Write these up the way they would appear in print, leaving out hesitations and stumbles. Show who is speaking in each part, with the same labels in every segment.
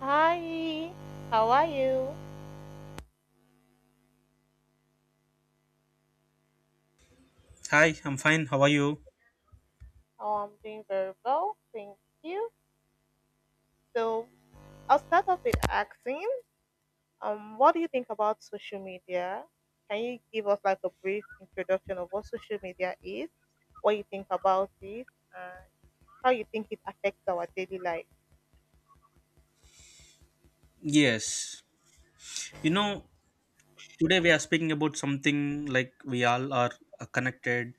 Speaker 1: Hi, how are you?
Speaker 2: Hi, I'm fine. How are you?
Speaker 1: Oh, I'm doing very well, thank you. So I'll start off with asking, what do you think about social media? Can you give us like a brief introduction of what social media is, what you think about it, and how you think it affects our daily life?
Speaker 2: Yes. You know, today we are speaking about something like we all are connected,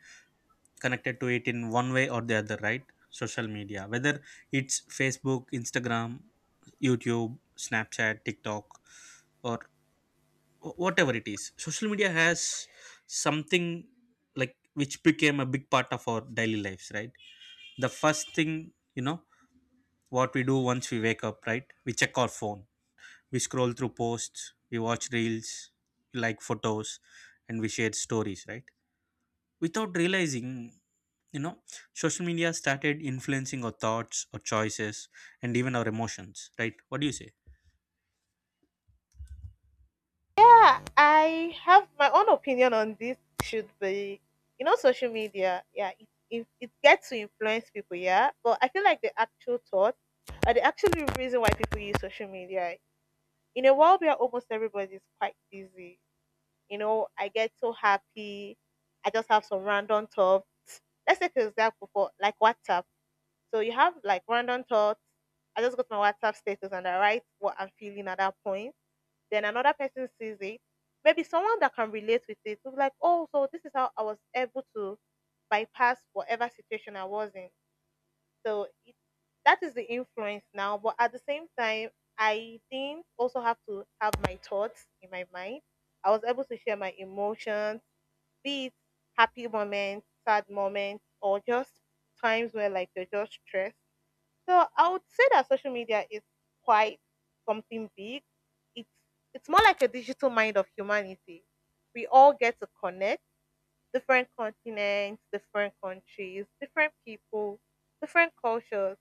Speaker 2: connected to it in one way or the other, right? Social media, whether it's Facebook, Instagram, YouTube, Snapchat, TikTok, or whatever it is. Social media has something like which became a big part of our daily lives, right? The first thing, you know, what we do once we wake up, right? We check our phone. We scroll through posts, we watch reels, we like photos, and we share stories, right? Without realizing, you know, social media started influencing our thoughts, our choices, and even our emotions, right? What do you say?
Speaker 1: Yeah, I have my own opinion on this. Should be, you know, social media. Yeah, it gets to influence people. Yeah, but I feel like the actual thought, or the actual reason why people use social media in a world where almost everybody is quite busy. You know, I get so happy. I just have some random thoughts. Let's take an example for like WhatsApp. So you have like random thoughts. I just go to my WhatsApp status and I write what I'm feeling at that point, then another person sees it. Maybe someone that can relate with it will be like, oh, so this is how I was able to bypass whatever situation I was in. So it, that is the influence now. But at the same time, I didn't also have to have my thoughts in my mind. I was able to share my emotions, be it happy moments, sad moments, or just times where like you're just stressed. So I would say that social media is quite something big. It's it's more like a digital mind of humanity. We all get to connect different continents, different countries, different people, different cultures,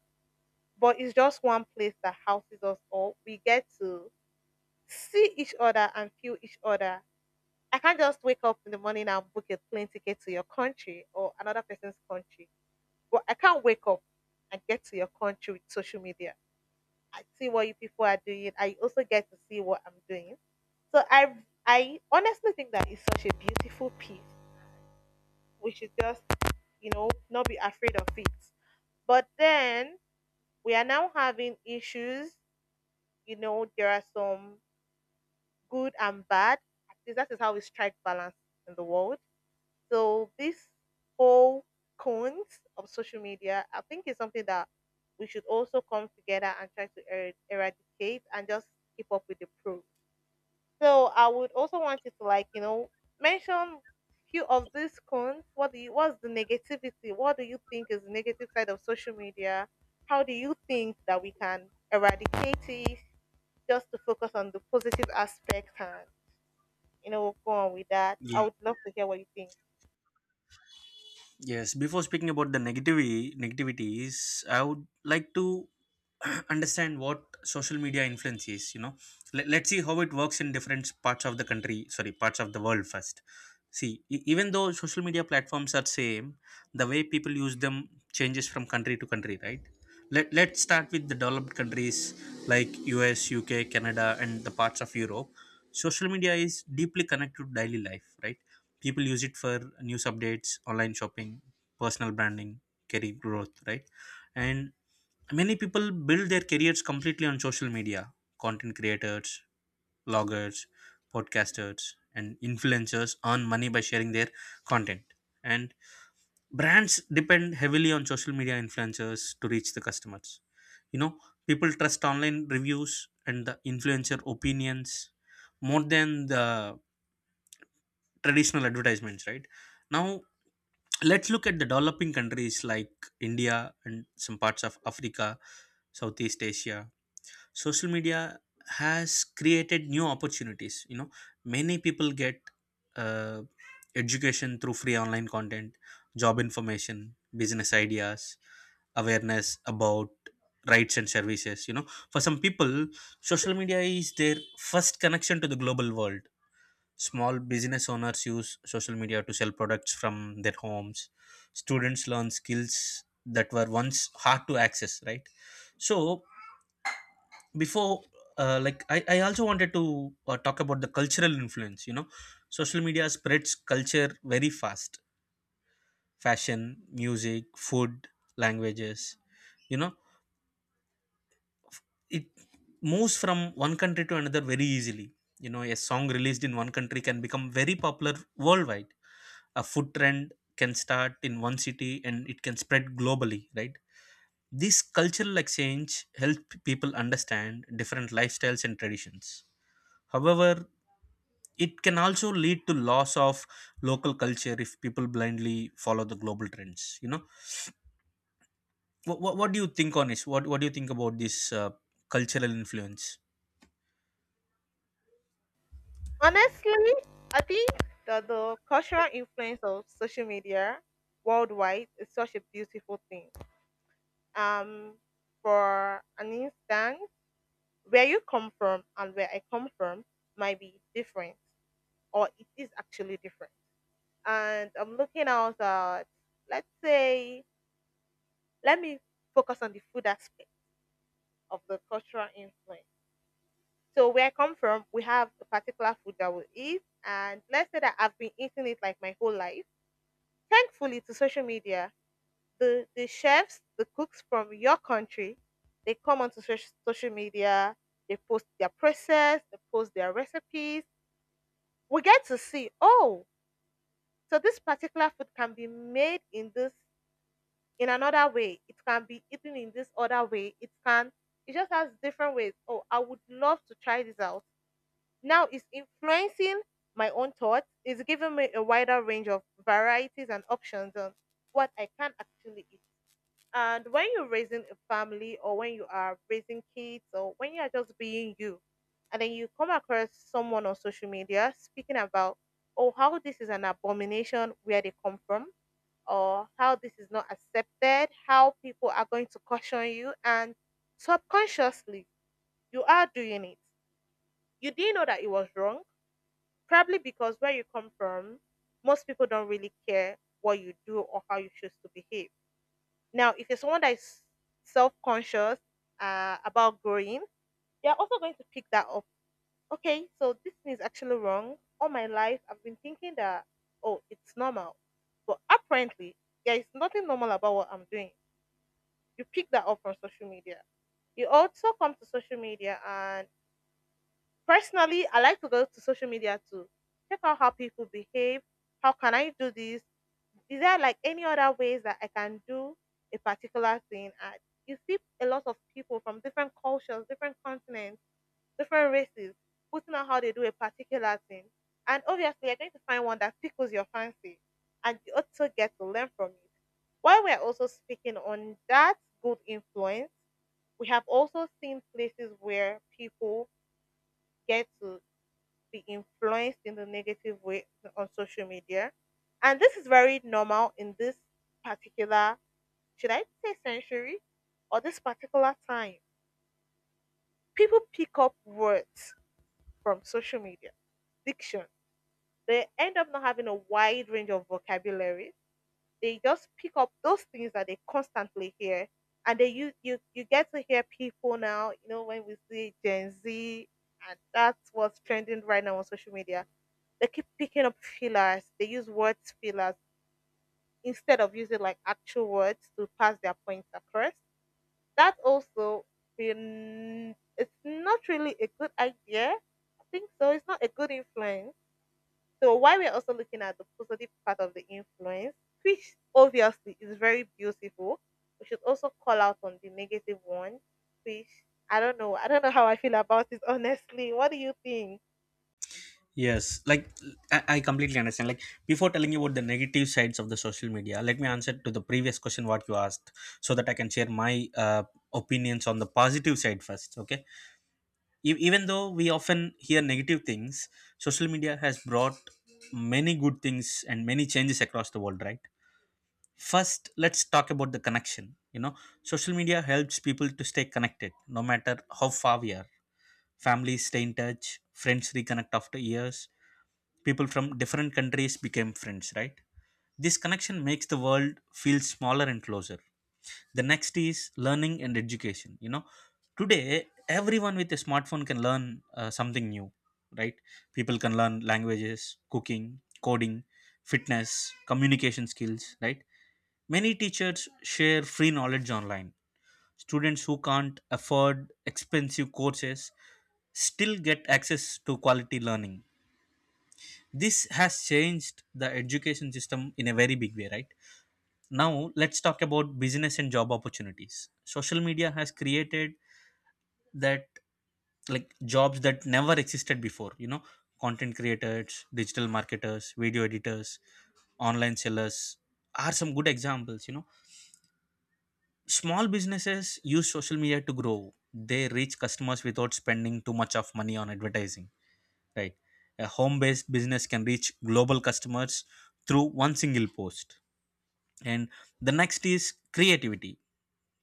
Speaker 1: but it's just one place that houses us all. We get to see each other and feel each other. I can't just wake up in the morning and book a plane ticket to your country or another person's country. But I can't wake up and get to your country with social media. I see what you people are doing. I also get to see what I'm doing. So I I honestly think that it's such a beautiful piece. We should just, you know, not be afraid of it. But then we are now having issues. You know, there are some good and bad. At least that is how we strike balance in the world. So this whole cons of social media, I think is something that we should also come together and try to eradicate and just keep up with the pros. So I would also want you to like, you know, mention few of these cons. What's the negativity? What do you think is the negative side of social media? How do you think that we can eradicate it just to focus on the positive aspect and, you know, go on with that?
Speaker 2: Yeah.
Speaker 1: I would love to hear what you think.
Speaker 2: Yes, before speaking about the negativity negativities, I would like to understand what social media influence is, you know. Let's see how it works in different parts of the country, sorry, parts of the world first. See, even though social media platforms are same, the way people use them changes from country to country, right? Let's start with the developed countries like US, UK, Canada and the parts of Europe. Social media is deeply connected to daily life, right? People use it for news updates, online shopping, personal branding, career growth, right? And many people build their careers completely on social media. Content creators, bloggers, podcasters and influencers earn money by sharing their content, and brands depend heavily on social media influencers to reach the customers. You know, people trust online reviews and the influencer opinions more than the traditional advertisements, right? Now let's look at the developing countries like India and some parts of Africa, Southeast Asia. Social media has created new opportunities. You know, many people get uh, education through free online content, job information, business ideas, awareness about rights and services. You know, for some people, social media is their first connection to the global world. Small business owners use social media to sell products from their homes. Students learn skills that were once hard to access, right? So, before, I also wanted to talk about the cultural influence. You know, social media spreads culture very fast: fashion, music, food, languages. You know, f- it moves from one country to another very easily. You know, a song released in one country can become very popular worldwide. A food trend can start in one city and it can spread globally, right? This cultural exchange helps people understand different lifestyles and traditions. However, it can also lead to loss of local culture if people blindly follow the global trends. You know, what do you think on this, what do you think about this cultural influence?
Speaker 1: Honestly, I think that the cultural influence of social media worldwide is such a beautiful thing. Um for an instance, where you come from and where I come from might be different, or it is actually different. And I'm looking out at, let's say, let me focus on the food aspect of the cultural influence. So, where I come from, we have a particular food that we eat, and let's say that I've been eating it like my whole life. Thankfully, to social media, the chefs, the cooks from your country, they come onto social media, they post their process, they post their recipes, we get to see, oh, so this particular food can be made in this, in another way, it can be eaten in this other way, it can, it just has different ways. Oh, I would love to try this out. Now it's influencing my own thoughts, it's giving me a wider range of varieties and options on what I can actually eat. And when you're raising a family, or when you are raising kids, or when you are just being you, and then you come across someone on social media speaking about, oh, how this is an abomination where they come from, or how this is not accepted, how people are going to caution you, and subconsciously you are doing it. You didn't know that it was wrong, probably because where you come from, most people don't really care what you do or how you choose to behave. Now, if you're someone that is self conscious, about growing, they're also going to pick that up. Okay, so this thing is actually wrong. All my life, I've been thinking that, oh, it's normal. But apparently, there is nothing normal about what I'm doing. You pick that up from social media. You also come to social media, and personally, I like to go to social media to check out how people behave. How can I do this? Is there like any other ways that I can do a particular thing? And you see a lot of people from different cultures, different continents, different races putting out how they do a particular thing. And obviously, you're going to find one that tickles your fancy, and you also get to learn from it. While we're also speaking on that good influence, we have also seen places where people get to be influenced in the negative way on social media. And this is very normal in this particular, should I say, century, or this particular time. People pick up words from social media, diction. They end up not having a wide range of vocabulary, they just pick up those things that they constantly hear, and they, you get to hear people now. You know, when we see gen Z, and that's what's trending right now on social media, they keep picking up fillers, they use words, fillers, instead of using like actual words to pass their points across. That also been it's not really a good idea, I think. So it's not a good influence. So while we're also looking at the positive part of the influence, which obviously is very beautiful, we should also call out on the negative one, which, I don't know. I don't know how I feel about it honestly. What do you think?
Speaker 2: Yes, like I completely understand. Like before telling you about the negative sides of the social media, let me answer to the previous question what you asked, so that I can share my opinions on the positive side first. Okay, even though we often hear negative things, social media has brought many good things and many changes across the world. Right. First, let's talk about the connection. You know, social media helps people to stay connected, no matter how far we are. Families stay in touch, friends reconnect after years, people from different countries became friends, right? This connection makes the world feel smaller and closer. The next is learning and education. You know, today everyone with a smartphone can learn something new, right? People can learn languages, cooking, coding, fitness, communication skills, right? Many teachers share free knowledge online. Students who can't afford expensive courses still get access to quality learning. This has changed the education system in a very big way, right? Now let's talk about business and job opportunities. Social media has created that, like, jobs that never existed before. You know, content creators, digital marketers, video editors, online sellers are some good examples. You know, small businesses use social media to grow. They reach customers without spending too much of money on advertising, right? A home based business can reach global customers through one single post. And the next is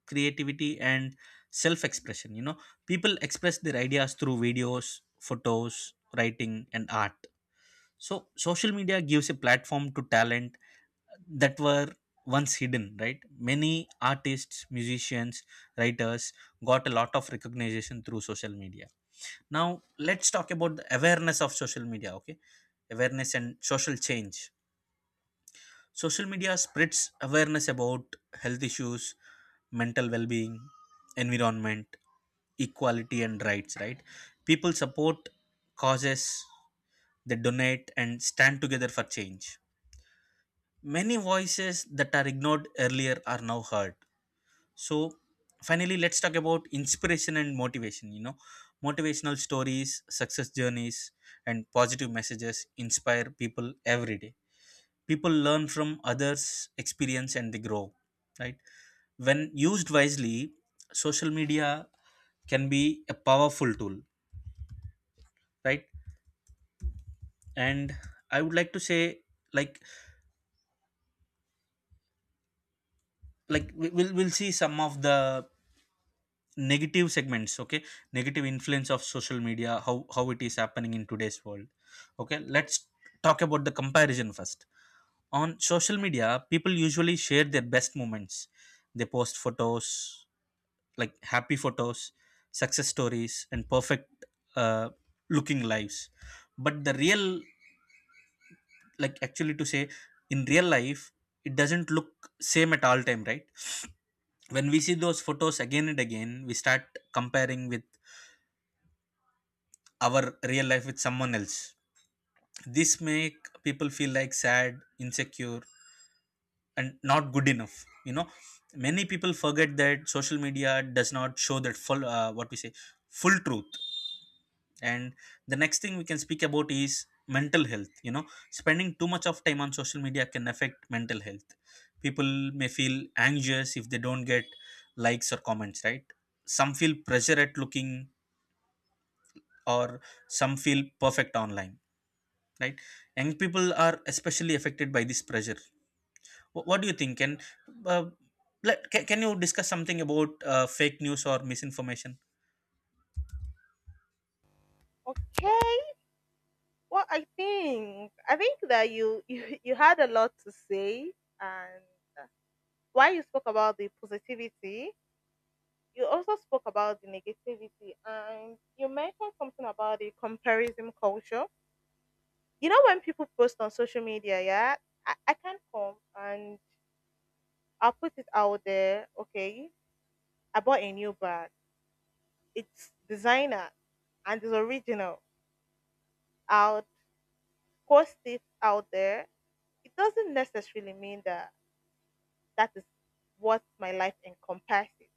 Speaker 2: creativity and self expression. You know, people express their ideas through videos, photos, writing and art. So social media gives a platform to talent that were once hidden, right? Many artists, musicians, writers got a lot of recognition through social media. Now let's talk about the awareness of social media. Okay, awareness and social change. Social media spreads awareness about health issues, mental well being, environment, equality, and rights, right? People support causes, they donate, and stand together for change. Many voices that are ignored earlier are now heard. So, finally, let's talk about inspiration and motivation. You know, motivational stories, success journeys, and positive messages inspire people every day. People learn from others experience and they grow, right? When used wisely, social media can be a powerful tool, right? And I would like to say, like, we'll see some of the negative segments. Okay, negative influence of social media, how it is happening in today's world. Okay, let's talk about the comparison first. On social media people usually share their best moments. They post photos, like happy photos, success stories, and perfect uh, looking lives. But the real, like actually to say, in real life, it doesn't look same at all time, right? When we see those photos again and again, we start comparing with our real life with someone else. This make people feel like sad, insecure, and not good enough. You know, many people forget that social media does not show that full what we say, full truth. And the next thing we can speak about is mental health. You know, spending too much of time on social media can affect mental health. People may feel anxious if they don't get likes or comments, right? Some feel pressure at looking or some feel perfect online, right? Young people are especially affected by this pressure. What do you think, and uh, can you discuss something about fake news or misinformation?
Speaker 1: Okay. Well, I think that you you had a lot to say, and uh, while you spoke about the positivity, you also spoke about the negativity, and you mentioned something about the comparison culture. You know, when people post on social media, yeah, I can come and I'll put it out there. Okay, I bought a new bag, it's designer, and it's original. I'll post it out there. It doesn't necessarily mean that that is what my life encompasses,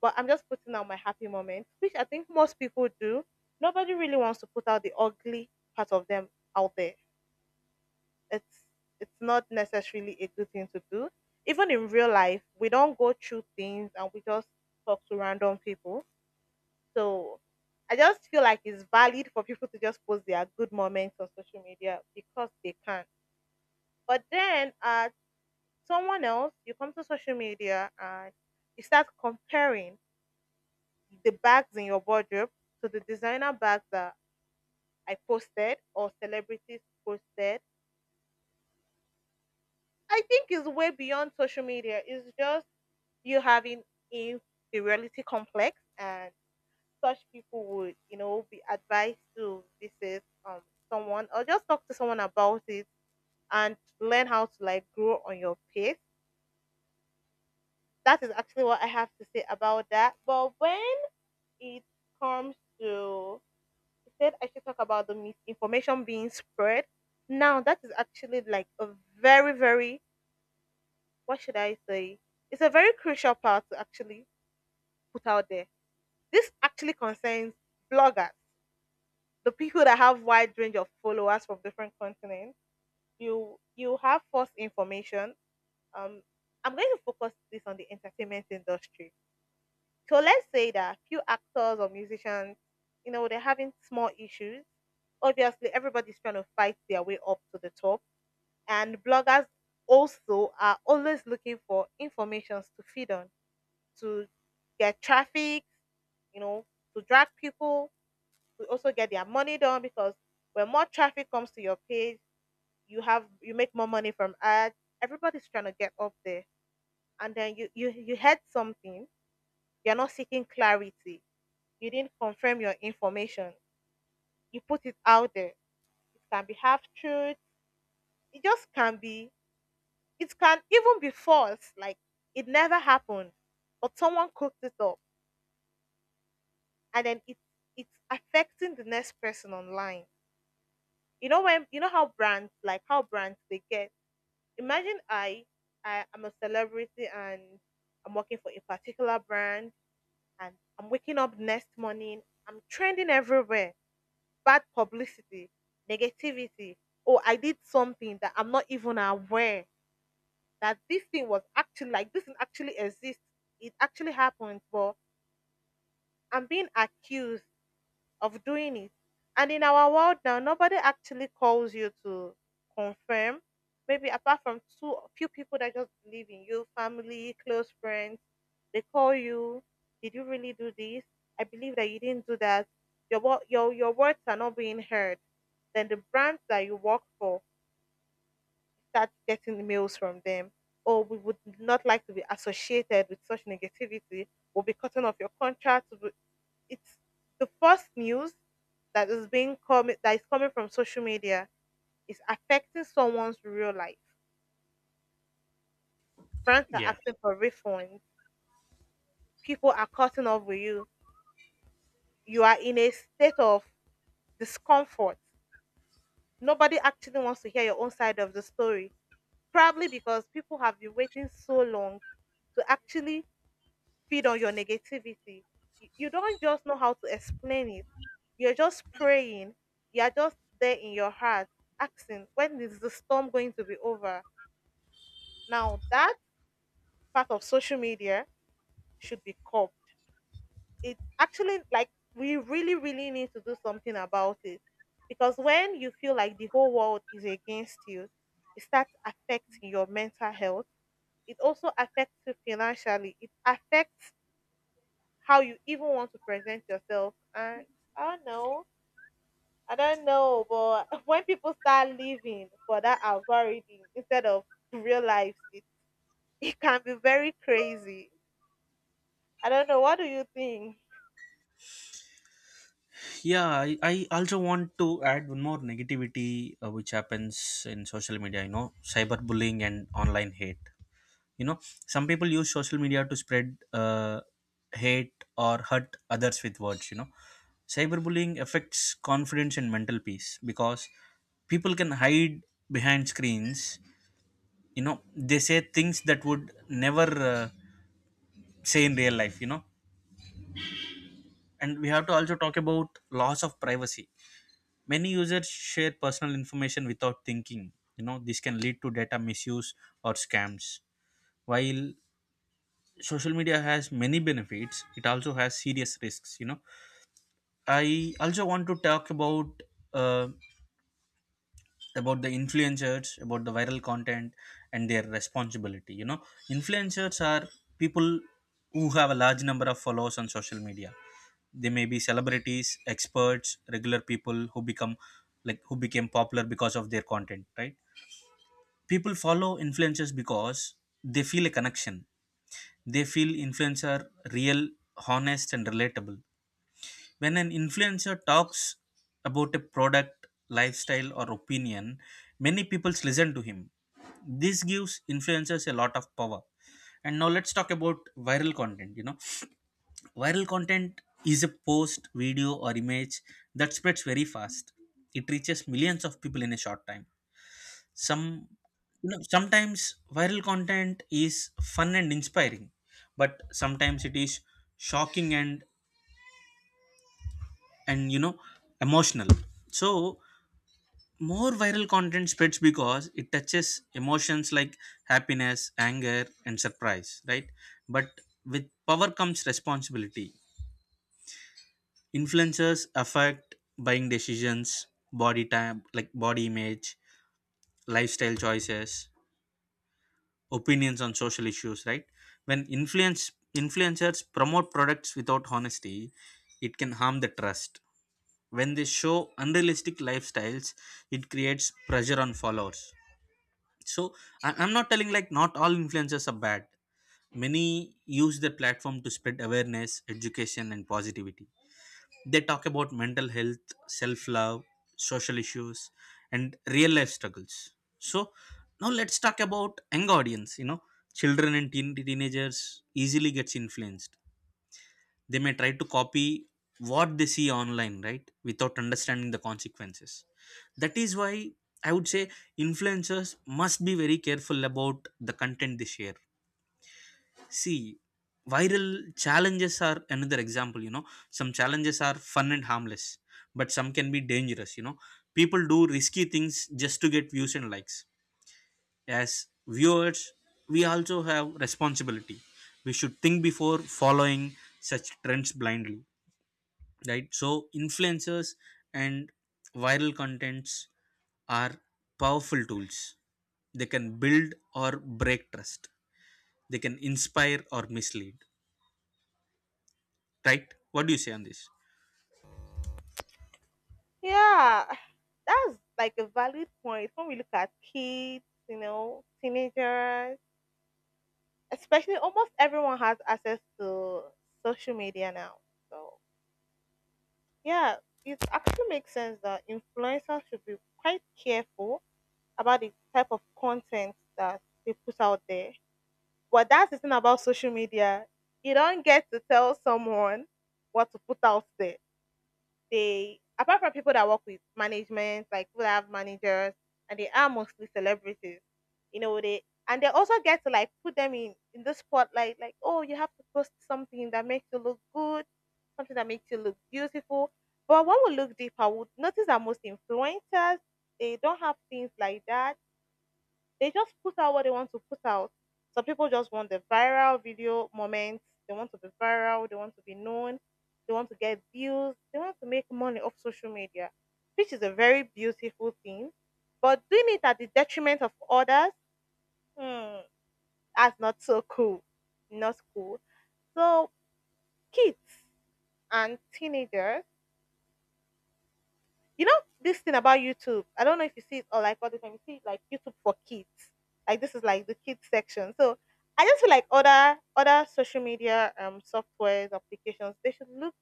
Speaker 1: but I'm just putting out my happy moments, which I think most people do. Nobody really wants to put out the ugly part of them out there. it's it's not necessarily a good thing to do. Even in real life, we don't go through things and we just talk to random people. So I just feel like it's valid for people to just post their good moments on social media because they can. But then, someone else, you come to social media and you start comparing the bags in your wardrobe to the designer bags that I posted or celebrities posted. I think it's way beyond social media. It's just you having inferiority complex, and such people would, you know, be advised to visit, someone, or just talk to someone about it and learn how to like grow on your pace. That is actually what I have to say about that. But when it comes to, you said I should talk about the misinformation being spread, now that is actually like a very, very what should I say, it's a very crucial part to actually put out there. This actually concerns bloggers, the people that have wide range of followers from different continents. You have false information. Um, I'm going to focus this on the entertainment industry. So let's say that a few actors or musicians, you know, they're having small issues. Obviously, everybody's trying to fight their way up to the top, and bloggers also are always looking for informations to feed on, to get traffic, you know, to drag people, will also get their money done, because when more traffic comes to your page, you make more money from ads. Everybody's trying to get up there, and then you heard something. You're not seeking clarity. You didn't confirm your information. You put it out there. It can be half truth. It just can be. It can even be false. Like it never happened, but someone cooked it up, and then it's affecting the next person online. You know, when you know how brands like how brands they get, imagine I am a celebrity and I'm working for a particular brand, and I'm waking up next morning. I'm trending everywhere. Bad publicity, negativity. Oh, I did something that I'm not even aware that this thing was actually like this thing actually exists. It actually happened, but I'm being accused of doing it. And in our world now, nobody actually calls you to confirm. Maybe apart from two few people that just believe in you, family, close friends, they call you. Did you really do this? I believe that you didn't do that. Your wo- your words are not being heard. Then the brands that you work for start getting mails from them. Oh, we would not like to be associated with such negativity. We'll be cutting off your contract it's the first news that is coming from social media is affecting someone's real life. Brands are asking for refunds. People are cutting off with you. You are in a state of discomfort. Nobody actually wants to hear your own side of the story. Probably because people have been waiting so long to actually feed on your negativity. You don't just know how to explain it. You're just praying. You're just there in your heart asking, when is the storm going to be over? Now, that part of social media should be curbed. It's actually like we really, really need to do something about it. Because when you feel like the whole world is against you, it starts affecting your mental health. It also affects you financially. It affects how you even want to present yourself. And I don't know. I don't know, but when people start living for that algorithm instead of real life, it can be very crazy. I don't know. What do you think?
Speaker 2: Yeah, I also want to add one more negativity which happens in social media, you know, cyberbullying and online hate. You know, some people use social media to spread hate or hurt others with words, you know. Cyberbullying affects confidence and mental peace because people can hide behind screens, you know, they say things that would never say in real life, you know. And we have to also talk about loss of privacy. Many users share personal information without thinking. You know, this can lead to data misuse or scams. While social media has many benefits, it also has serious risks. You know, I also want to talk uh, about the influencers, about the viral content and their responsibility. You know, influencers are people who have a large number of followers on social media. They may be celebrities, experts, regular people who become like who became popular because of their content, right? People follow influencers because they feel a connection, they feel influencer real, honest and relatable. When an influencer talks about a product, lifestyle or opinion, many people listen to him. This gives influencers a lot of power. And now let's talk about viral content. You know, viral content is a post, video or image that spreads very fast. It reaches millions of people in a short time. Some, you know, sometimes viral content is fun and inspiring, but sometimes it is shocking and, you know, emotional. So more viral content spreads because it touches emotions like happiness, anger and surprise, right? But with power comes responsibility. Influencers affect buying decisions, body type, like body image, lifestyle choices, opinions on social issues, right? When influencers promote products without honesty, it can harm the trust. When they show unrealistic lifestyles, it creates pressure on followers. So I'm not telling like not all influencers are bad. Many use their platform to spread awareness, education and positivity. They talk about mental health, self love, social issues, and real life struggles. So, now let's talk about young audience. You know, children and teenagers easily gets influenced. They may try to copy what they see online, right, without understanding the consequences. That is why I would say influencers must be very careful about the content they share. See, viral challenges are another example, you know. Some challenges are fun and harmless, but some can be dangerous, you know. People do risky things just to get views and likes. As viewers, we also have responsibility. We should think before following such trends blindly, right? So, influencers and viral contents are powerful tools. They can build or break trust, they can inspire or mislead, right? What do you say on this?
Speaker 1: Yeah, that's like a valid point when we look at kids, you know, teenagers, especially almost everyone has access to social media now. So, yeah, it actually makes sense that influencers should be quite careful about the type of content that they put out there. But that's the thing about social media. You don't get to tell someone what to put out there. They apart from people that work with management, like people that have managers, and they are mostly celebrities. You know, they and they also get to like put them in the spotlight. Like, oh, you have to post something that makes you look good, something that makes you look beautiful. But when we look deeper, we would notice that most influencers they don't have things like that they just put out what they want to put out. Some people just want the viral video moments. They want to be viral. They want to be known. They want to get views. They want to make money off social media, which is a very beautiful thing. But doing it at the detriment of others, hmm, that's not so cool. Not cool. So, kids and teenagers you know this thing about YouTube. I don't know if you see it or like all the time. You see like YouTube for kids. Like this is like the kids section. So I just feel like other social media softwares applications they should look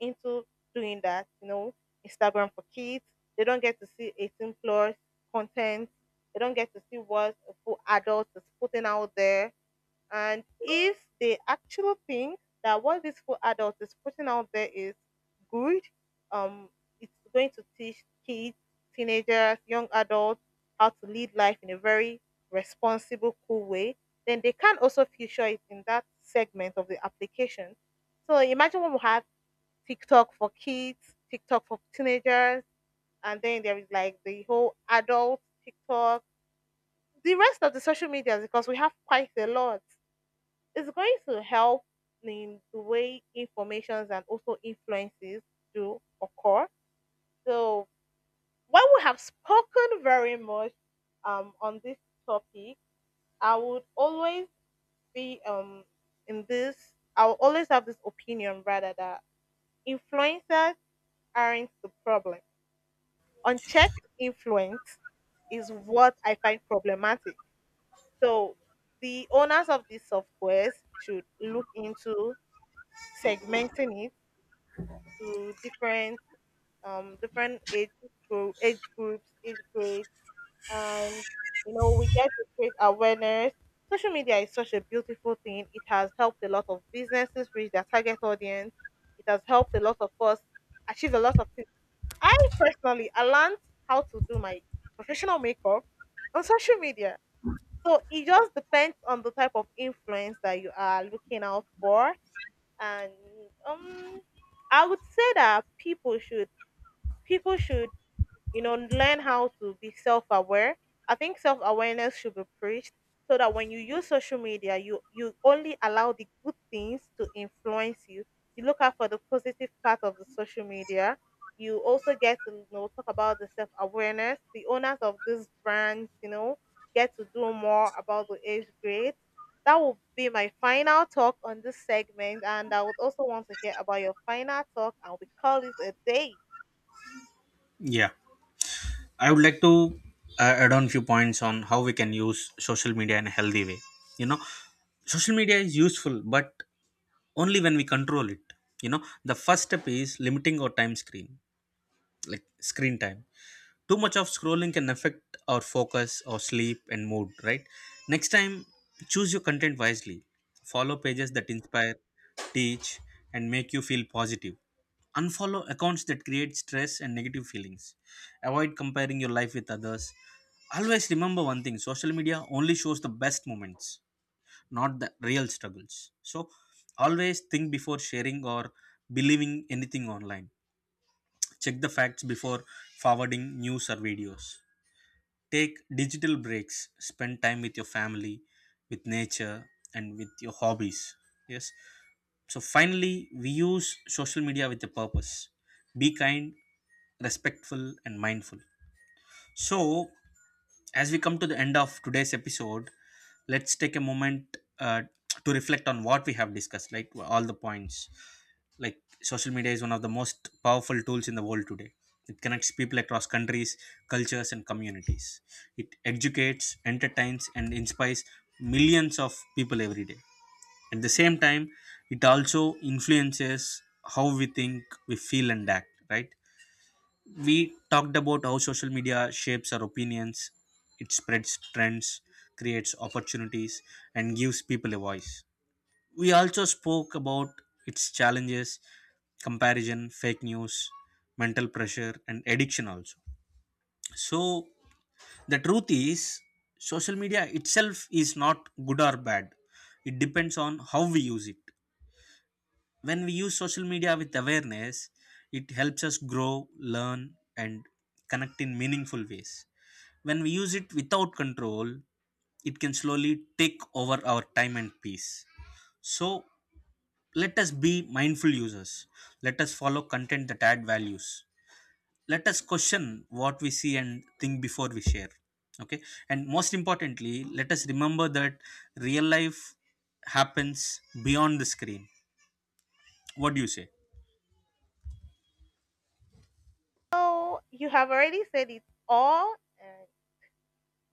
Speaker 1: into doing that. You know, Instagram for kids. They don't get to see 18 plus content. They don't get to see what a full adult is putting out there. And if they actually think that what this school adult is putting out there is good, um, it's going to teach kids, teenagers, young adults how to lead life in a very responsible, cool way, then they can also feature it in that segment of the application. So imagine when we have TikTok for kids, TikTok for teenagers, and then there is like the whole adult TikTok, the rest of the social medias because we have quite a lot it's going to help in the way informations and also influences do occur. So while we have spoken very much on this topic, I would always be in this. I will always have this opinion rather that influencers aren't the problem. Unchecked influence is what I find problematic. So the owners of these softwares should look into segmenting it to different different age groups, age grades, and you know we get to create awareness. Social media is such a beautiful thing. It has helped a lot of businesses reach their target audience. It has helped a lot of us achieve a lot of things. I personally, I learned how to do my professional makeup on social media. So it just depends on the type of influence that you are looking out for, and um, I would say that people should, you know, learn how to be self aware. I think self awareness should be preached so that when you use social media, you only allow the good things to influence you. You look out for the positive part of the social media. You also get to you know talk about the self awareness. The owners of these brands, you know, get to do more about the age grade. That will be my final talk on this segment, and I would also want to hear about your final talk, and we call it a day.
Speaker 2: Yeah, I would like to add on few points on how we can use social media in a healthy way. You know, social media is useful, but only when we control it. You know, the first step is limiting our time screen, like screen time. Too much of scrolling can affect our focus, our sleep and mood, right? Next time, choose your content wisely. Follow pages that inspire, teach and make you feel positive. Unfollow accounts that create stress and negative feelings. Avoid comparing your life with others. Always remember one thing, social media only shows the best moments, not the real struggles. So always think before sharing or believing anything online. Check the facts before forwarding news or videos. Take digital breaks, spend time with your family, with nature, and with your hobbies. Yes. So finally, we use social media with a purpose. Be kind, respectful, and mindful. So, as we come to the end of today's episode, let's take a moment to reflect on what we have discussed, like all the points. Like, social media is one of the most powerful tools in the world today. It connects people across countries, cultures, and communities. It educates, entertains, and inspires millions of people every day. At the same time, it also influences how we think, we feel, and act, right? We talked about how social media shapes our opinions. It spreads trends, creates opportunities and gives people a voice. We also spoke about its challenges: comparison, fake news, mental pressure and addiction also. So the truth is social media itself is not good or bad, it depends on how we use it. When we use social media with awareness, it helps us grow, learn and connect in meaningful ways. When we use it without control, it can slowly take over our time and peace. So let us be mindful users. Let us follow content that add values. Let us question what we see and think before we share. Okay. And most importantly, let us remember that real life happens beyond the screen. What do you say?
Speaker 1: So you have already said it all. And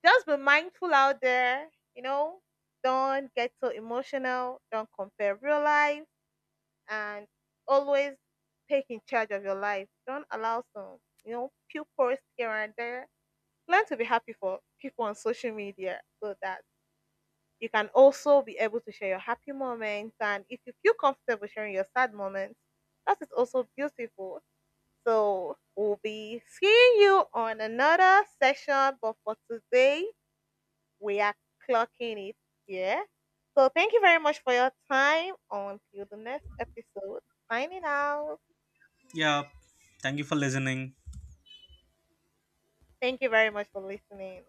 Speaker 1: just be mindful out there. You know, don't get so emotional. Don't compare real life, and always take in charge of your life. Don't allow some, you know, few posts here and there. Learn to be happy for people on social media so that you can also be able to share your happy moments. And if you feel comfortable sharing your sad moments, that is also beautiful. So we'll be seeing you on another session, but for today, we are clocking it here. So thank you very much for your time. Until the next episode, signing out.
Speaker 2: Yeah. Thank you for listening.
Speaker 1: Thank you very much for listening.